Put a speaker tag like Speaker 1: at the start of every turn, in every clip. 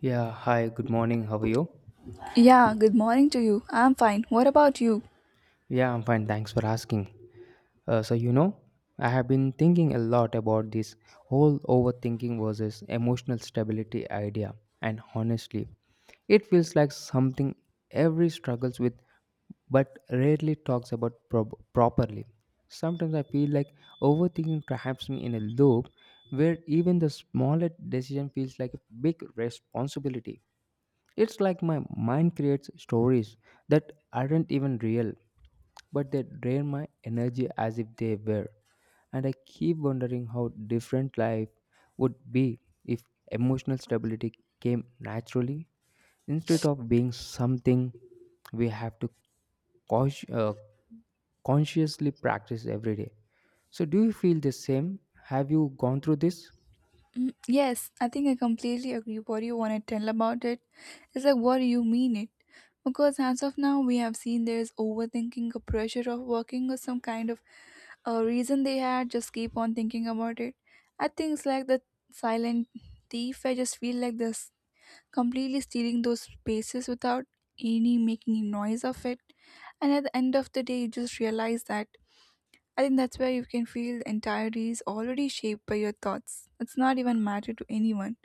Speaker 1: Yeah, hi, good morning. How are you?
Speaker 2: Yeah, good morning to you. I'm fine. What about you?
Speaker 1: Yeah, I'm fine. Thanks for asking. Uh, so, you know, I have been thinking a lot about this whole overthinking versus emotional stability idea, and honestly, it feels like something every struggles with but rarely talks about prob properly. Sometimes I feel like overthinking traps me in a loop where even the smallest decision feels like a big responsibility. It's like my mind creates stories that aren't even real, but they drain my energy as if they were. And I keep wondering how different life would be if emotional stability came naturally instead of being something we have to cons- uh, consciously practice every day. So, do you feel the same? Have you gone through this?
Speaker 2: Yes, I think I completely agree. What you want to tell about it? It is like, what do you mean it? Because as of now, we have seen there is overthinking, a pressure of working, or some kind of a reason they had. Just keep on thinking about it. I think it's like the silent thief. I just feel like this completely stealing those spaces without any making noise of it. And at the end of the day, you just realize that. I think that's where you can feel the entirety is already shaped by your thoughts. It's not even matter to anyone.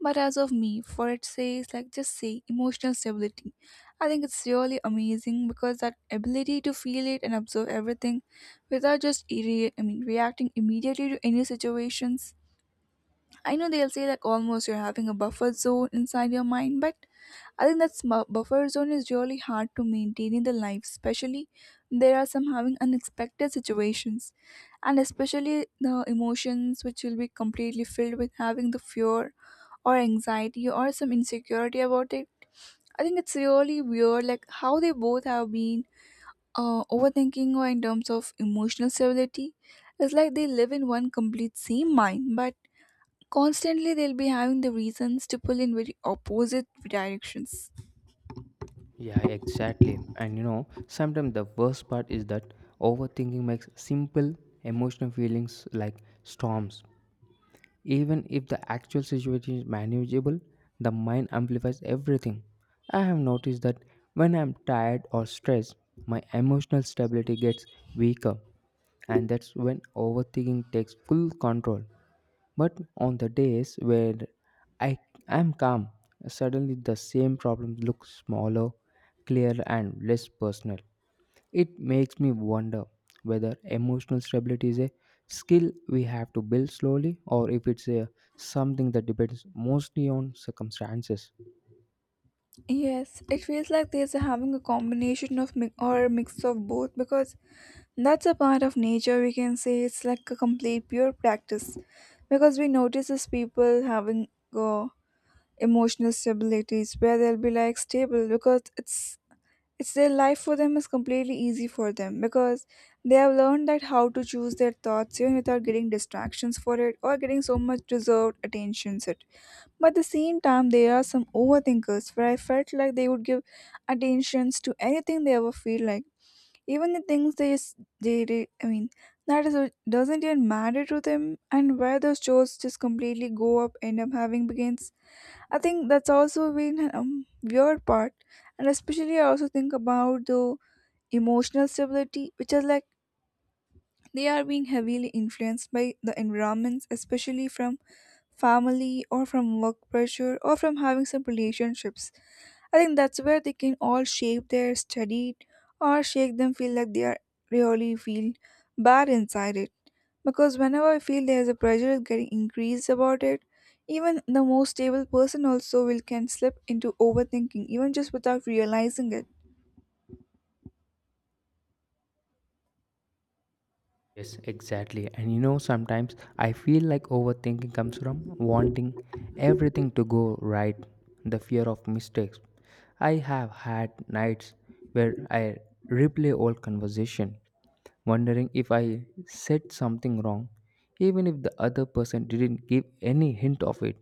Speaker 2: But as of me, for it says like just say emotional stability. I think it's really amazing because that ability to feel it and observe everything without just reacting immediately to any situations. I know they'll say like almost you're having a buffer zone inside your mind, but I think that buffer zone is really hard to maintain in the life, especially there are some having unexpected situations, and especially the emotions which will be completely filled with having the fear or anxiety or some insecurity about it. I think it's really weird, like how they both have been overthinking or in terms of emotional stability. It's like they live in one complete same mind, but constantly they'll be having the reasons to pull in very opposite directions.
Speaker 1: Yeah, exactly. And you know, sometimes the worst part is that overthinking makes simple emotional feelings like storms. Even if the actual situation is manageable, the mind amplifies everything. I have noticed that when I'm tired or stressed, my emotional stability gets weaker, and that's when overthinking takes full control. But on the days where I am calm, suddenly the same problem looks smaller, clearer, and less personal. It makes me wonder whether emotional stability is a skill we have to build slowly or if it's something that depends mostly on circumstances.
Speaker 2: Yes, it feels like there's a having a combination of or a mix of both, because that's a part of nature. We can say it's like a complete pure practice, because we notice as people having uh, emotional stabilities where they'll be like stable because it's their life for them is completely easy for them, because they have learned that how to choose their thoughts even without getting distractions for it or getting so much deserved attentions. It, but at the same time, there are some overthinkers where I felt like they would give attentions to anything they ever feel like, even the things they s- they re- I mean that is what doesn't even matter to them, and where those shows just completely go up end up having begins. I think that's also been a weird part, and especially I also think about the emotional stability, which is like they are being heavily influenced by the environments, especially from family or from work pressure or from having some relationships. I think that's where they can all shape their study or shake them feel like they are really feel bad inside it. Because whenever I feel there's a pressure is getting increased about it, even the most stable person also will can slip into overthinking, even just without realizing it.
Speaker 1: Yes, exactly. And you know, sometimes I feel like overthinking comes from wanting everything to go right, the fear of mistakes. I have had nights where I replay old conversation, wondering if I said something wrong, even if the other person didn't give any hint of it.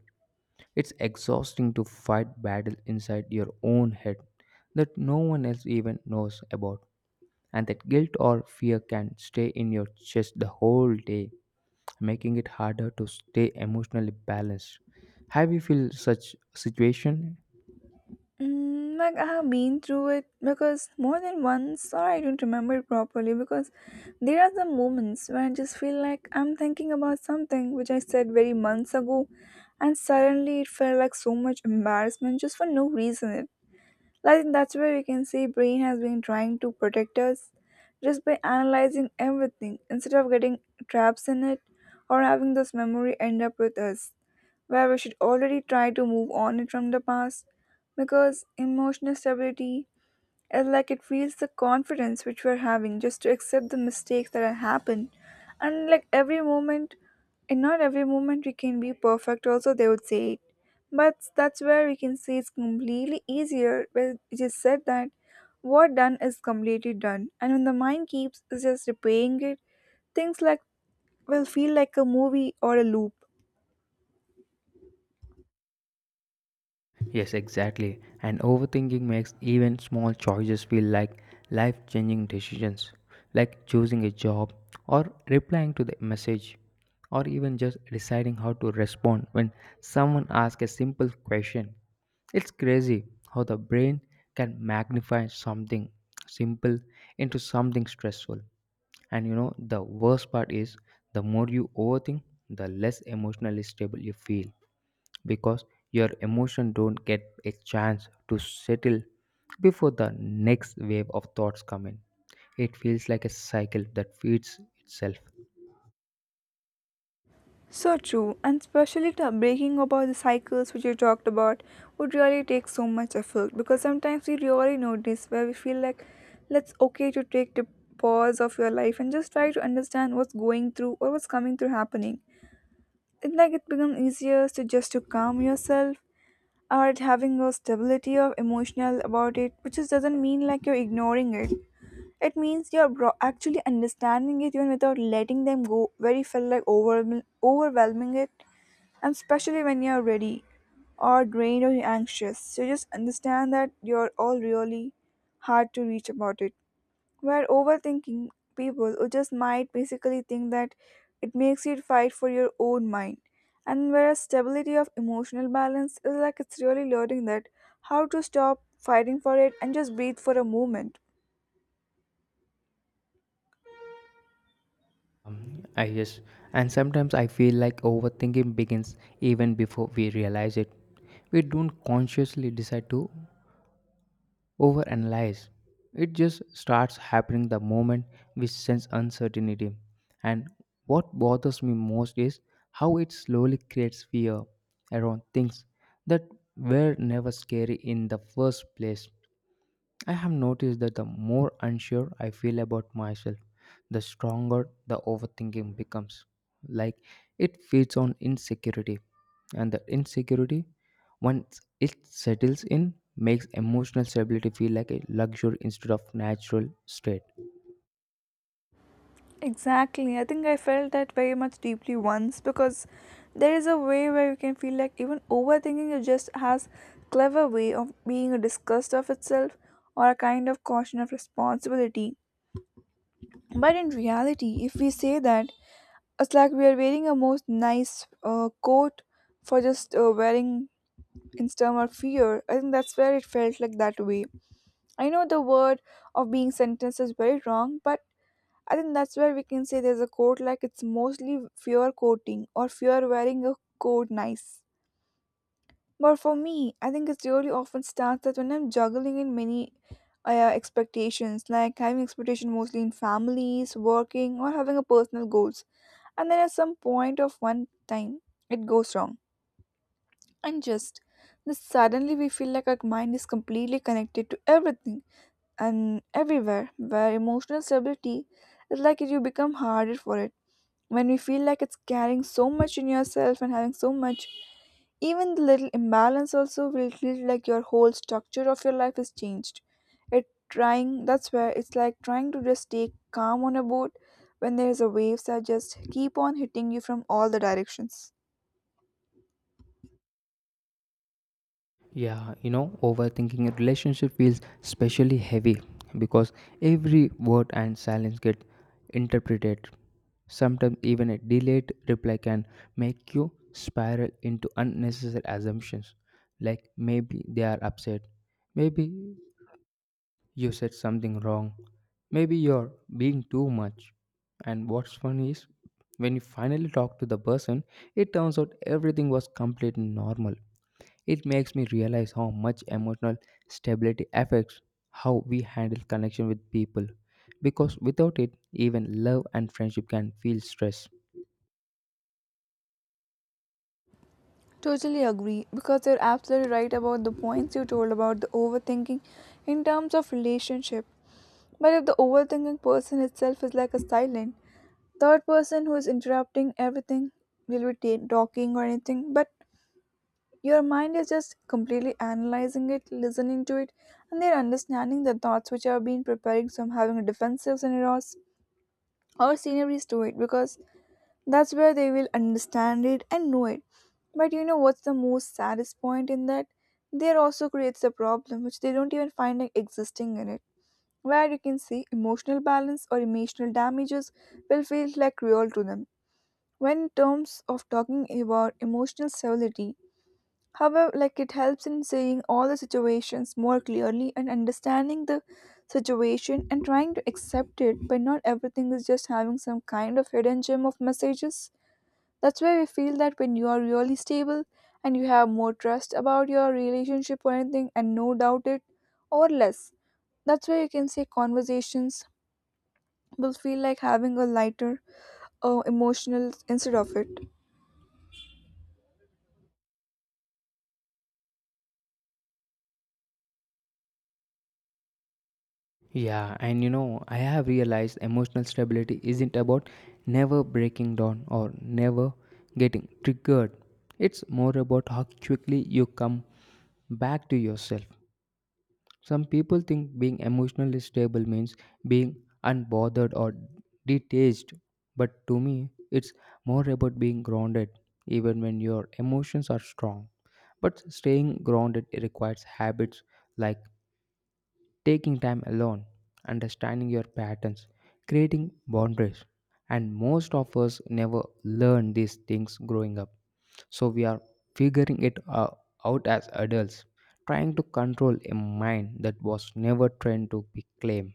Speaker 1: It's exhausting to fight battle inside your own head that no one else even knows about, and that guilt or fear can stay in your chest the whole day, making it harder to stay emotionally balanced. Have you feel such situation?
Speaker 2: Mm, like I have been through it because more than once, or I don't remember it properly, because there are some moments where I just feel like I'm thinking about something which I said very months ago, and suddenly it felt like so much embarrassment just for no reason. Like, that's where we can say brain has been trying to protect us just by analyzing everything instead of getting traps in it or having this memory end up with us, where we should already try to move on it from the past. Because emotional stability is like, it feels the confidence which we're having just to accept the mistakes that have happened and like every moment, and not every moment we can be perfect also they would say it. But that's where we can say it's completely easier, where it is said that what done is completely done, and when the mind keeps is just repaying it, things like will feel like a movie or a loop.
Speaker 1: Yes, exactly. And overthinking makes even small choices feel like life changing decisions, like choosing a job, or replying to the message, or even just deciding how to respond when someone asks a simple question. It's crazy how the brain can magnify something simple into something stressful. And you know, the worst part is the more you overthink, the less emotionally stable you feel because your emotion don't get a chance to settle before the next wave of thoughts come in. It feels like a cycle that feeds itself.
Speaker 2: So true, and especially to breaking about the cycles which you talked about would really take so much effort, because sometimes we really notice where we feel like let's okay to take the pause of your life and just try to understand what's going through or what's coming through happening. It's like it becomes easier to just to calm yourself or having a stability of emotional about it, which just doesn't mean like you're ignoring it. It means you're actually understanding it, even without letting them go very feel like overwhelming it, and especially when you're ready or drained or anxious. So just understand that you're all really hard to reach about it. Where overthinking people who just might basically think that it makes you fight for your own mind. And whereas stability of emotional balance is like, it's really learning that how to stop fighting for it and just breathe for a moment.
Speaker 1: I yes. And sometimes I feel like overthinking begins even before we realize it. We don't consciously decide to overanalyze. It just starts happening the moment we sense uncertainty. And what bothers me most is how it slowly creates fear around things that were never scary in the first place. I have noticed that the more unsure I feel about myself, the stronger the overthinking becomes. Like it feeds on insecurity, and the insecurity, once it settles in, makes emotional stability feel like a luxury instead of natural state.
Speaker 2: Exactly. I think I felt that very much deeply once, because there is a way where you can feel like even overthinking it just has clever way of being a disgust of itself or a kind of caution of responsibility. But in reality, if we say that, it's like we are wearing a most nice coat for just wearing in term of fear. I think that's where it felt like that way. I know the word of being sentenced is very wrong, but I think that's where we can say there's a coat like it's mostly fear coating or fear wearing a coat nice. But for me, I think it's really often starts that when I'm juggling in many expectations, like having expectation mostly in families, working, or having a personal goals, and then at some point of one time, it goes wrong, and just then suddenly we feel like our mind is completely connected to everything and everywhere, where emotional stability is like you become harder for it when you feel like it's carrying so much in yourself and having so much, even the little imbalance also will feel like your whole structure of your life is changed. It trying, that's where it's like trying to just stay calm on a boat when there's a waves that just keep on hitting you from all the directions.
Speaker 1: Yeah, you know, overthinking a relationship feels especially heavy because every word and silence get interpreted. Sometimes even a delayed reply can make you spiral into unnecessary assumptions like maybe they are upset, maybe you said something wrong, maybe you're being too much. And what's funny is when you finally talk to the person, it turns out everything was completely normal. It makes me realize how much emotional stability affects how we handle connection with people, because without it, even love and friendship can feel stress.
Speaker 2: Totally agree, because you're absolutely right about the points you told about the overthinking in terms of relationship. But if the overthinking person itself is like a silent, third person who is interrupting everything, will be talking or anything, but your mind is just completely analyzing it, listening to it, and they're understanding the thoughts which have been preparing some having a defensive scenarios or sceneries to it, because that's where they will understand it and know it. But you know what's the most saddest point in that, there also creates a problem which they don't even find like, existing in it, where you can see emotional balance or emotional damages will feel like real to them. When in terms of talking about emotional stability, however, like it helps in seeing all the situations more clearly and understanding the situation and trying to accept it, but not everything is just having some kind of hidden gem of messages. That's why we feel that when you are really stable, and you have more trust about your relationship or anything and no doubt it, or less, that's where you can say conversations will feel like having a lighter emotional instead of it.
Speaker 1: Yeah, and you know, I have realized emotional stability isn't about never breaking down or never getting triggered. It's more about how quickly you come back to yourself. Some people think being emotionally stable means being unbothered or detached, but to me, it's more about being grounded even when your emotions are strong. But staying grounded requires habits like taking time alone, understanding your patterns, creating boundaries. And most of us never learn these things growing up. So we are figuring it out as adults, trying to control a mind that was never trained to be claimed.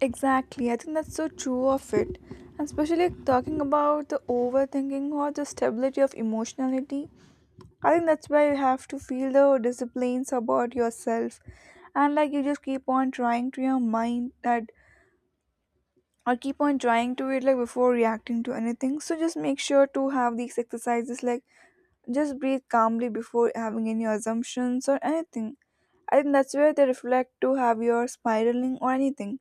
Speaker 2: Exactly, I think that's so true of it. And especially talking about the overthinking or the stability of emotionality, I think that's where you have to feel the disciplines about yourself. And like, you just keep on trying to your mind that, or keep on trying to it like before reacting to anything. So just make sure to have these exercises like just breathe calmly before having any assumptions or anything. I think that's where they reflect to have your spiraling or anything,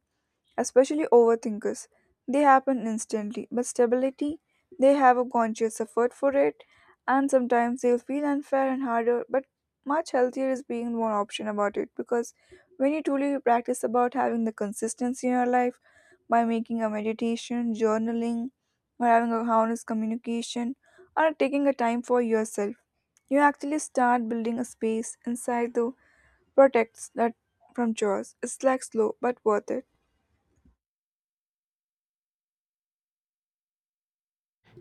Speaker 2: especially overthinkers. They happen instantly, but stability, they have a conscious effort for it, and sometimes they'll feel unfair and harder, but much healthier is being more option about it, because when you truly practice about having the consistency in your life by making a meditation, journaling, or having a honest communication, or taking a time for yourself, you actually start building a space inside the protects that from chores. It's like slow but worth it.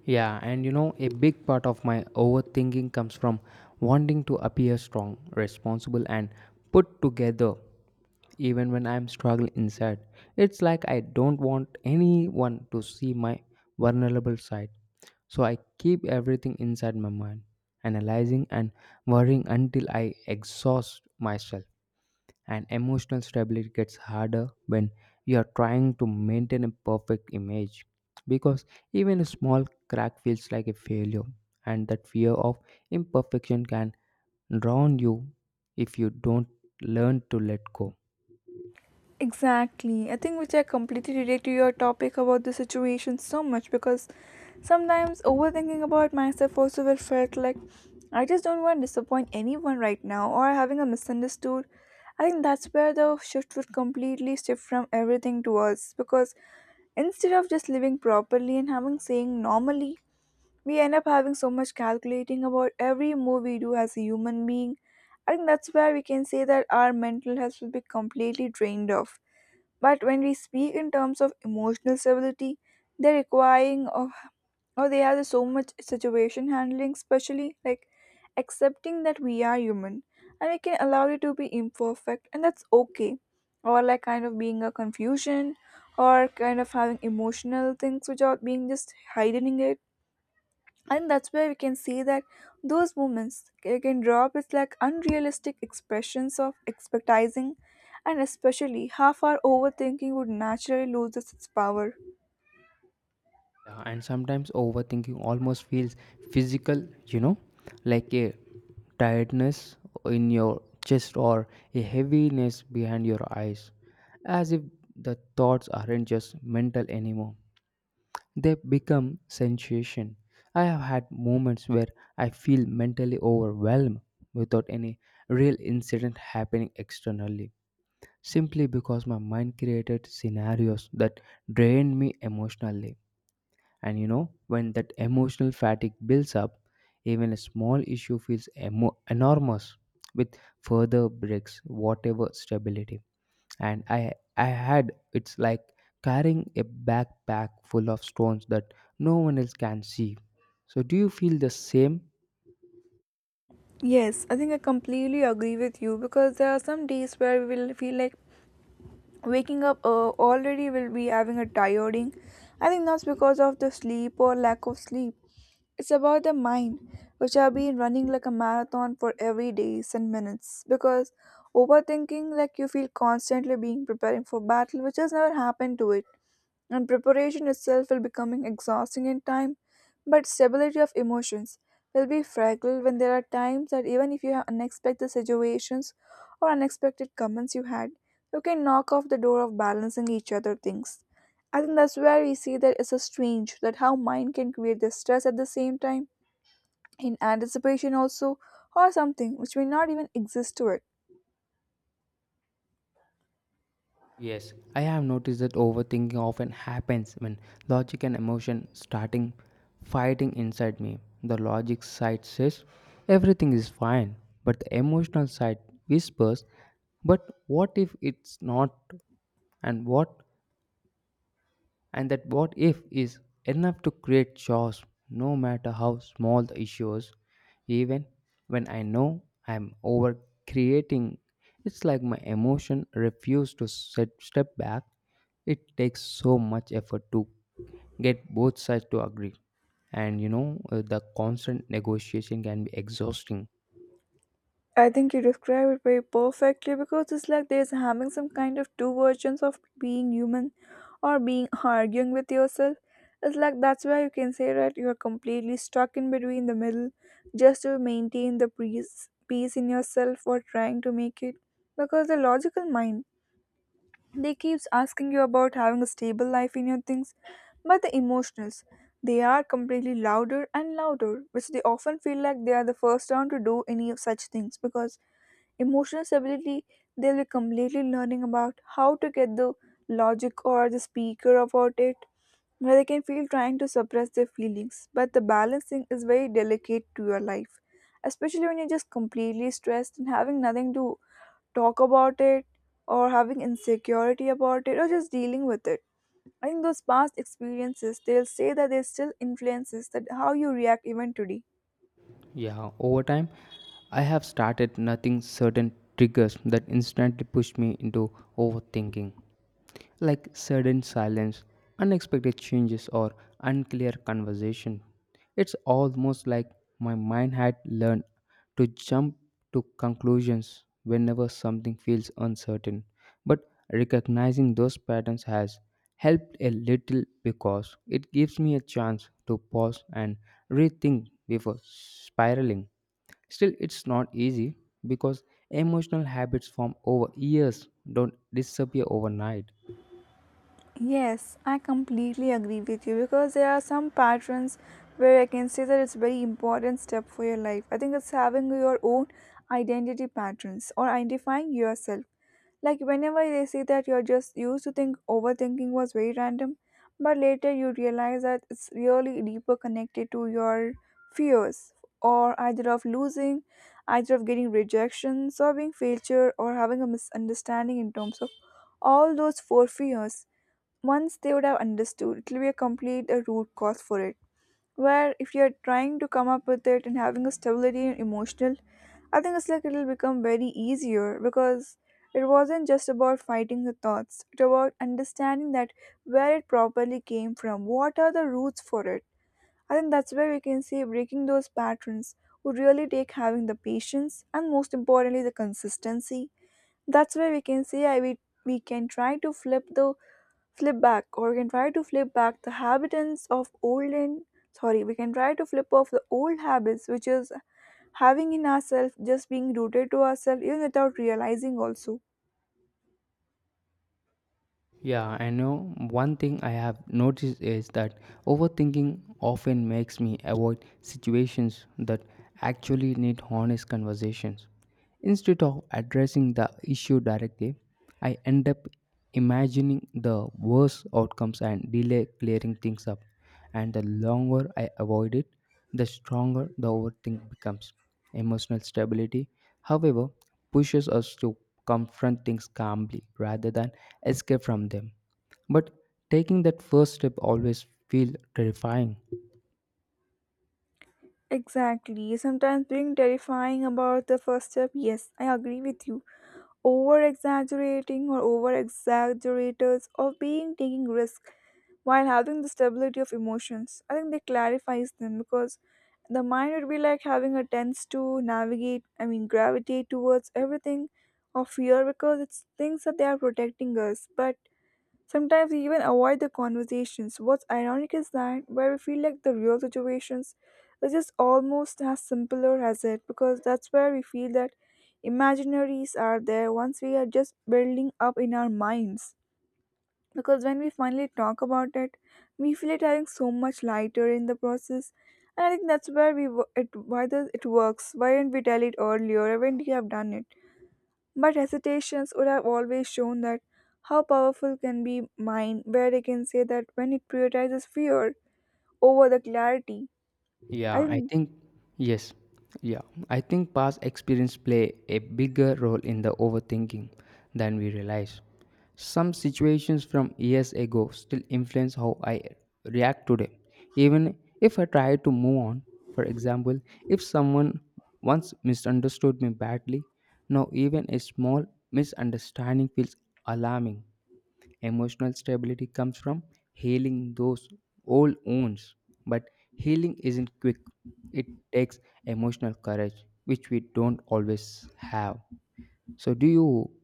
Speaker 1: Yeah, and you know, a big part of my overthinking comes from wanting to appear strong, responsible, and put together, even when I'm struggling inside. It's like I don't want anyone to see my vulnerable side. So I keep everything inside my mind, analyzing and worrying until I exhaust myself, and emotional stability gets harder when you are trying to maintain a perfect image because even a small crack feels like a failure, and that fear of imperfection can drown you if you don't learn to let go.
Speaker 2: Exactly. I think which I completely relate to your topic about the situation so much, because sometimes overthinking about myself also will felt like I just don't want to disappoint anyone right now or having a misunderstood. I think that's where the shift would completely shift from everything to us, because instead of just living properly and having saying normally, we end up having so much calculating about every move we do as a human being. I think that's where we can say that our mental health will be completely drained off, but when we speak in terms of emotional stability, they're requiring of, or they have so much situation handling, especially like accepting that we are human and we can allow it to be imperfect, and that's okay. Or like kind of being a confusion, or kind of having emotional things which are being just hiding it, and that's where we can see that those moments can drop its like unrealistic expressions of expectizing, and especially how far overthinking would naturally lose its power.
Speaker 1: Yeah, and sometimes overthinking almost feels physical, you know, like a tiredness in your chest or a heaviness behind your eyes, as if the thoughts aren't just mental anymore. They become sensation. I have had moments where I feel mentally overwhelmed without any real incident happening externally, simply because my mind created scenarios that drained me emotionally. And you know, when that emotional fatigue builds up, even a small issue feels enormous, with further breaks, whatever stability. And I had. It's like carrying a backpack full of stones that no one else can see. So do you feel the same?
Speaker 2: Yes, I think I completely agree with you because there are some days where we will feel like waking up, already will be having a tiring. I think that's because of the sleep or lack of sleep. It's about the mind, which have been running like a marathon for every days and minutes. Because overthinking, like, you feel constantly being preparing for battle, which has never happened to it, and preparation itself will becoming exhausting in time. But stability of emotions will be fragile when there are times that even if you have unexpected situations or unexpected comments you had, you can knock off the door of balancing each other things. I think that's where we see that it's a strange that how mind can create the stress at the same time, in anticipation also, or something which may not even exist to it.
Speaker 1: Yes, I have noticed that overthinking often happens when logic and emotion starting fighting inside me. The logic side says everything is fine, but the emotional side whispers, but what if it's not? And what? And that what if is enough to create chaos no matter how small the issues. Even when I know I'm over creating, it's like my emotion refuse to step back. It takes so much effort to get both sides to agree. And you know, the constant negotiation can be exhausting.
Speaker 2: I think you describe it very perfectly because it's like there's having some kind of two versions of being human or being arguing with yourself. It's like that's why you can say that you are completely stuck in between the middle, just to maintain the peace, peace in yourself or trying to make it, because the logical mind, they keeps asking you about having a stable life in your things, but the emotionals, they are completely louder and louder, which they often feel like they are the first one to do any of such things because emotional stability, they'll be completely learning about how to get the logic or the speaker about it, where they can feel trying to suppress their feelings, but the balancing is very delicate to your life, especially when you're just completely stressed and having nothing to talk about it, or having insecurity about it, or just dealing with it. I think those past experiences, they'll say that they still influences that how you react even today.
Speaker 1: Yeah, over time, I have started nothing certain triggers that instantly push me into overthinking, like sudden silence, unexpected changes, or unclear conversation. It's almost like my mind had learned to jump to conclusions whenever something feels uncertain. But recognizing those patterns has helped a little because it gives me a chance to pause and rethink before spiraling. Still, it's not easy because emotional habits formed over years don't disappear overnight.
Speaker 2: Yes, I completely agree with you because there are some patterns where I can say that it's a very important step for your life. I think it's having your own identity patterns or identifying yourself. Like whenever they say that you're just used to think overthinking was very random, but later you realize that it's really deeper connected to your fears, or either of losing, either of getting rejection, serving failure, or having a misunderstanding in terms of all those four fears. Once they would have understood, it will be a complete a root cause for it, where if you're trying to come up with it and having a stability and emotional, I think it's like it'll become very easier, because it wasn't just about fighting the thoughts, it about understanding that where it properly came from, what are the roots for it. I think that's where we can say breaking those patterns would really take having the patience and most importantly the consistency. That's where we can say we can try to flip the flip back or we can try to flip back the habitants of old and, sorry, we can try to flip off the old habits which is having in ourselves, just being rooted to ourselves even without realizing also.
Speaker 1: Yeah, I know. One thing I have noticed is that overthinking often makes me avoid situations that actually need honest conversations. Instead of addressing the issue directly, I end up imagining the worst outcomes and delay clearing things up. And the longer I avoid it, the stronger the overthink becomes. Emotional stability, however, pushes us to confront things calmly rather than escape from them. But taking that first step always feels terrifying.
Speaker 2: Exactly, sometimes being terrifying about the first step. Yes, I agree with you. Over exaggerating or over exaggerators or being taking risk while having the stability of emotions, I think they clarifies them, because the mind would be like having a tends to navigate, I mean, gravitate towards everything of fear, because it's things that they are protecting us. But sometimes we even avoid the conversations. What's ironic is that where we feel like the real situations are just almost as simpler as it, because that's where we feel that imaginaries are there once we are just building up in our minds. Because when we finally talk about it, we feel it having so much lighter in the process. And I think that's where we wo- it why does it works. Why didn't we tell it earlier? Why didn't we have done it? But recitations would have always shown that how powerful can be mind, where I can say that when it prioritizes fear over the clarity.
Speaker 1: Yeah,
Speaker 2: I
Speaker 1: I
Speaker 2: think.
Speaker 1: think, yes. Yeah, I think past experience play a bigger role in the overthinking than we realize. Some situations from years ago still influence how I react today, even if I try to move on. For example, if someone once misunderstood me badly, now even a small misunderstanding feels alarming. Emotional stability comes from healing those old wounds, but healing isn't quick. It takes emotional courage, which we don't always have. So, do you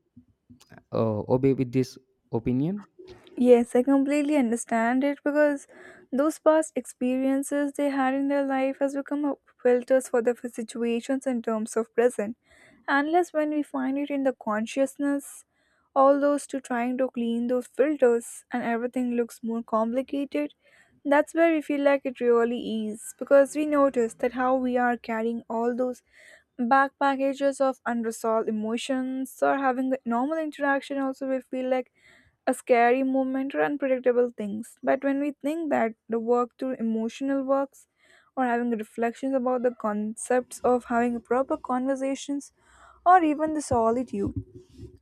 Speaker 1: obey with this opinion?
Speaker 2: Yes, I completely understand it, because those past experiences they had in their life has become a filters for the situations in terms of present. Unless when we find it in the consciousness, all those to trying to clean those filters and everything looks more complicated. That's where we feel like it really is, because we notice that how we are carrying all those back packages of unresolved emotions or having the normal interaction also we feel like a scary moment or unpredictable things. But when we think that the work through emotional works, or having reflections about the concepts of having proper conversations, or even the solitude,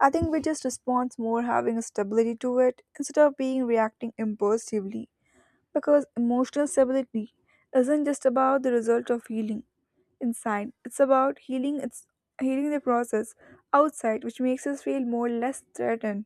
Speaker 2: I think we just respond more having a stability to it instead of being reacting impulsively. Because emotional stability isn't just about the result of healing inside. It's about healing, it's healing the process outside, which makes us feel more less threatened.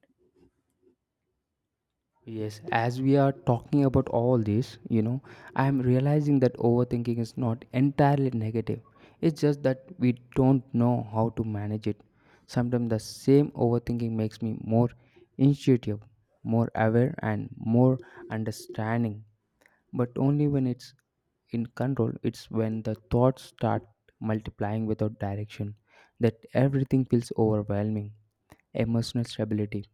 Speaker 1: Yes, as we are talking about all this, you know, I am realizing that overthinking is not entirely negative. It's just that we don't know how to manage it. Sometimes the same overthinking makes me more intuitive, more aware, and more understanding but only when it's in control. It's when the thoughts start multiplying without direction that everything feels overwhelming. Emotional stability.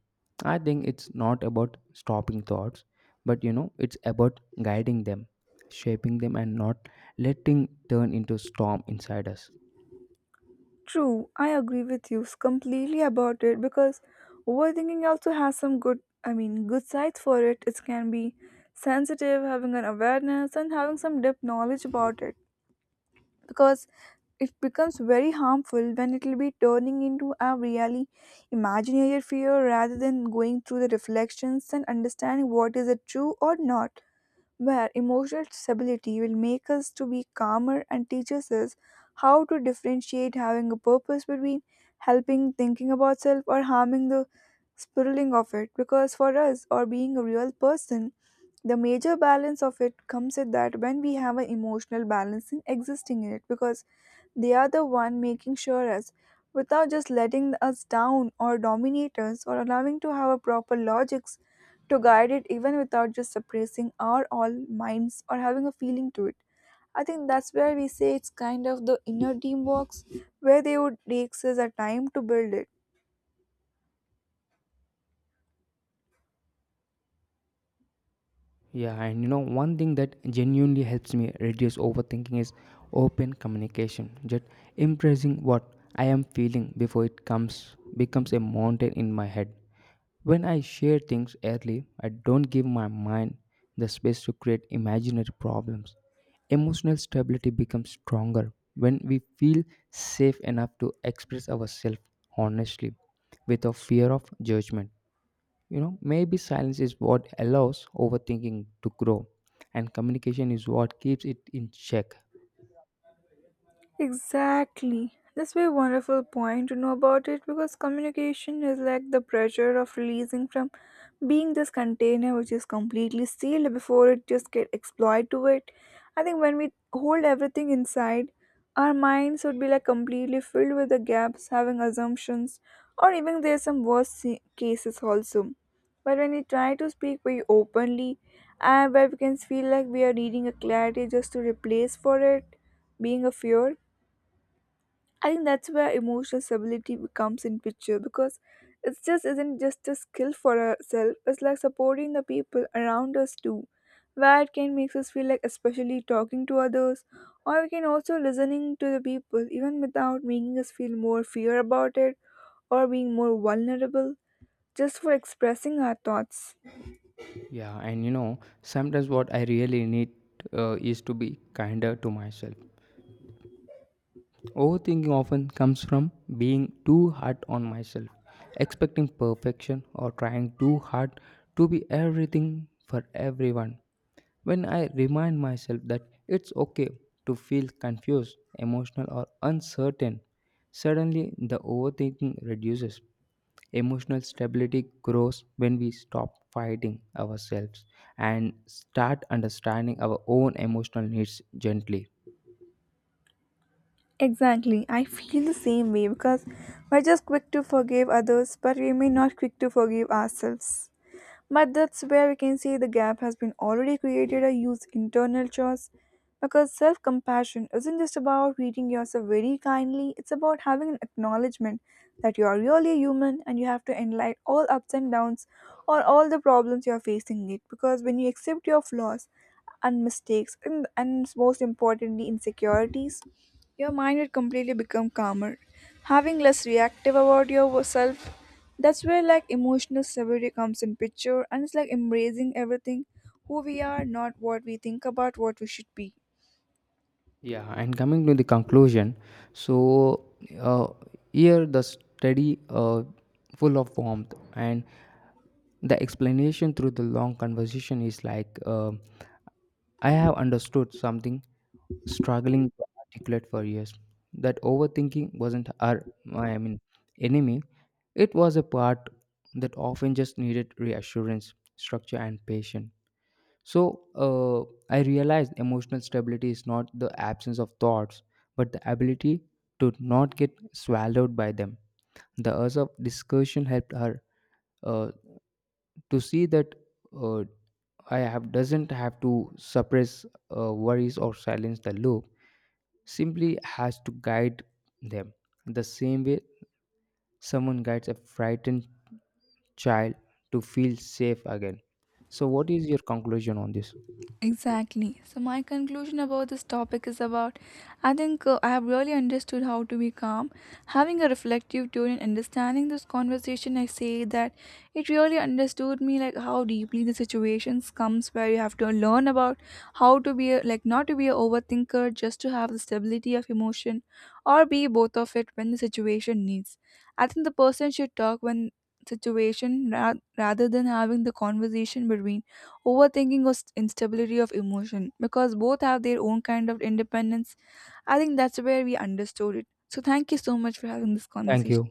Speaker 1: I think it's not about stopping thoughts, but you know, it's about guiding them, shaping them, and not letting turn into storm inside us.
Speaker 2: True, I agree with you completely about it because overthinking also has some good, I mean, good sides for it. It can be sensitive, having an awareness, and having some deep knowledge about it, because it becomes very harmful when it will be turning into a really imaginary fear rather than going through the reflections and understanding what is it true or not, where emotional stability will make us to be calmer and teaches us how to differentiate having a purpose between helping thinking about self or harming the spiraling of it, because for us or being a real person, the major balance of it comes at that when we have an emotional balance in existing in it, because they are the one making sure us without just letting us down or dominate us or allowing to have a proper logics to guide it even without just suppressing our all minds or having a feeling to it. I think that's where we say it's kind of the inner teamwork where they would takes us a time to build it.
Speaker 1: Yeah, and you know, one thing that genuinely helps me reduce overthinking is open communication. Just impressing what I am feeling before it comes becomes a mountain in my head. When I share things early, I don't give my mind the space to create imaginary problems. Emotional stability becomes stronger when we feel safe enough to express ourselves honestly without fear of judgment. You know, maybe silence is what allows overthinking to grow, and communication is what keeps it in check.
Speaker 2: Exactly. This very wonderful point to know about it, because communication is like the pressure of releasing from being this container which is completely sealed before it just get exploited to it. I think when we hold everything inside, our minds would be like completely filled with the gaps having assumptions, or even there's some worse cases also. But when we try to speak very openly, and where we can feel like we are needing a clarity just to replace for it being a fear, I think that's where emotional stability comes in picture, because it just isn't just a skill for ourselves, it's like supporting the people around us too. Where it can makes us feel like especially talking to others, or we can also listening to the people even without making us feel more fear about it or being more vulnerable just for expressing our thoughts.
Speaker 1: Yeah, and you know, sometimes what I really need is to be kinder to myself. Overthinking often comes from being too hard on myself, expecting perfection, or trying too hard to be everything for everyone. When I remind myself that it's okay to feel confused, emotional, or uncertain, suddenly the overthinking reduces. Emotional stability grows when we stop fighting ourselves and start understanding our own emotional needs gently.
Speaker 2: Exactly. I feel the same way because we're just quick to forgive others but we may not quick to forgive ourselves. But that's where we can see the gap has been already created a huge internal choice, because self compassion isn't just about treating yourself very kindly, it's about having an acknowledgement that you are really human and you have to enlight all ups and downs or all the problems you are facing it, because when you accept your flaws and mistakes and most importantly insecurities, your mind will completely become calmer, having less reactive about yourself. That's where like emotional severity comes in picture and it's like embracing everything who we are, not what we think about what we should be.
Speaker 1: Yeah, and coming to the conclusion, so uh, here the study full of warmth and the explanation through the long conversation is like I have understood something struggling to articulate for years. That overthinking wasn't our I mean enemy. It was a part that often just needed reassurance, structure, and patience. So I realized emotional stability is not the absence of thoughts, but the ability to not get swallowed by them. The urge of discussion helped her uh, to see that uh, I have doesn't have to suppress worries or silence the loop. Simply has to guide them the same way someone guides a frightened child to feel safe again. So, what is your conclusion on this?
Speaker 2: Exactly. So my conclusion about this topic is about, I think, I have really understood how to be calm. Having a reflective tone and understanding this conversation, I say that it really understood me like how deeply the situations comes where you have to learn about how to be a, like not to be a overthinker, just to have the stability of emotion or be both of it when the situation needs. I think the person should talk when situation rather than having the conversation between overthinking or instability of emotion because both have their own kind of independence. I think that's where we understood it. So thank you so much for having this
Speaker 1: Thank
Speaker 2: conversation.
Speaker 1: you.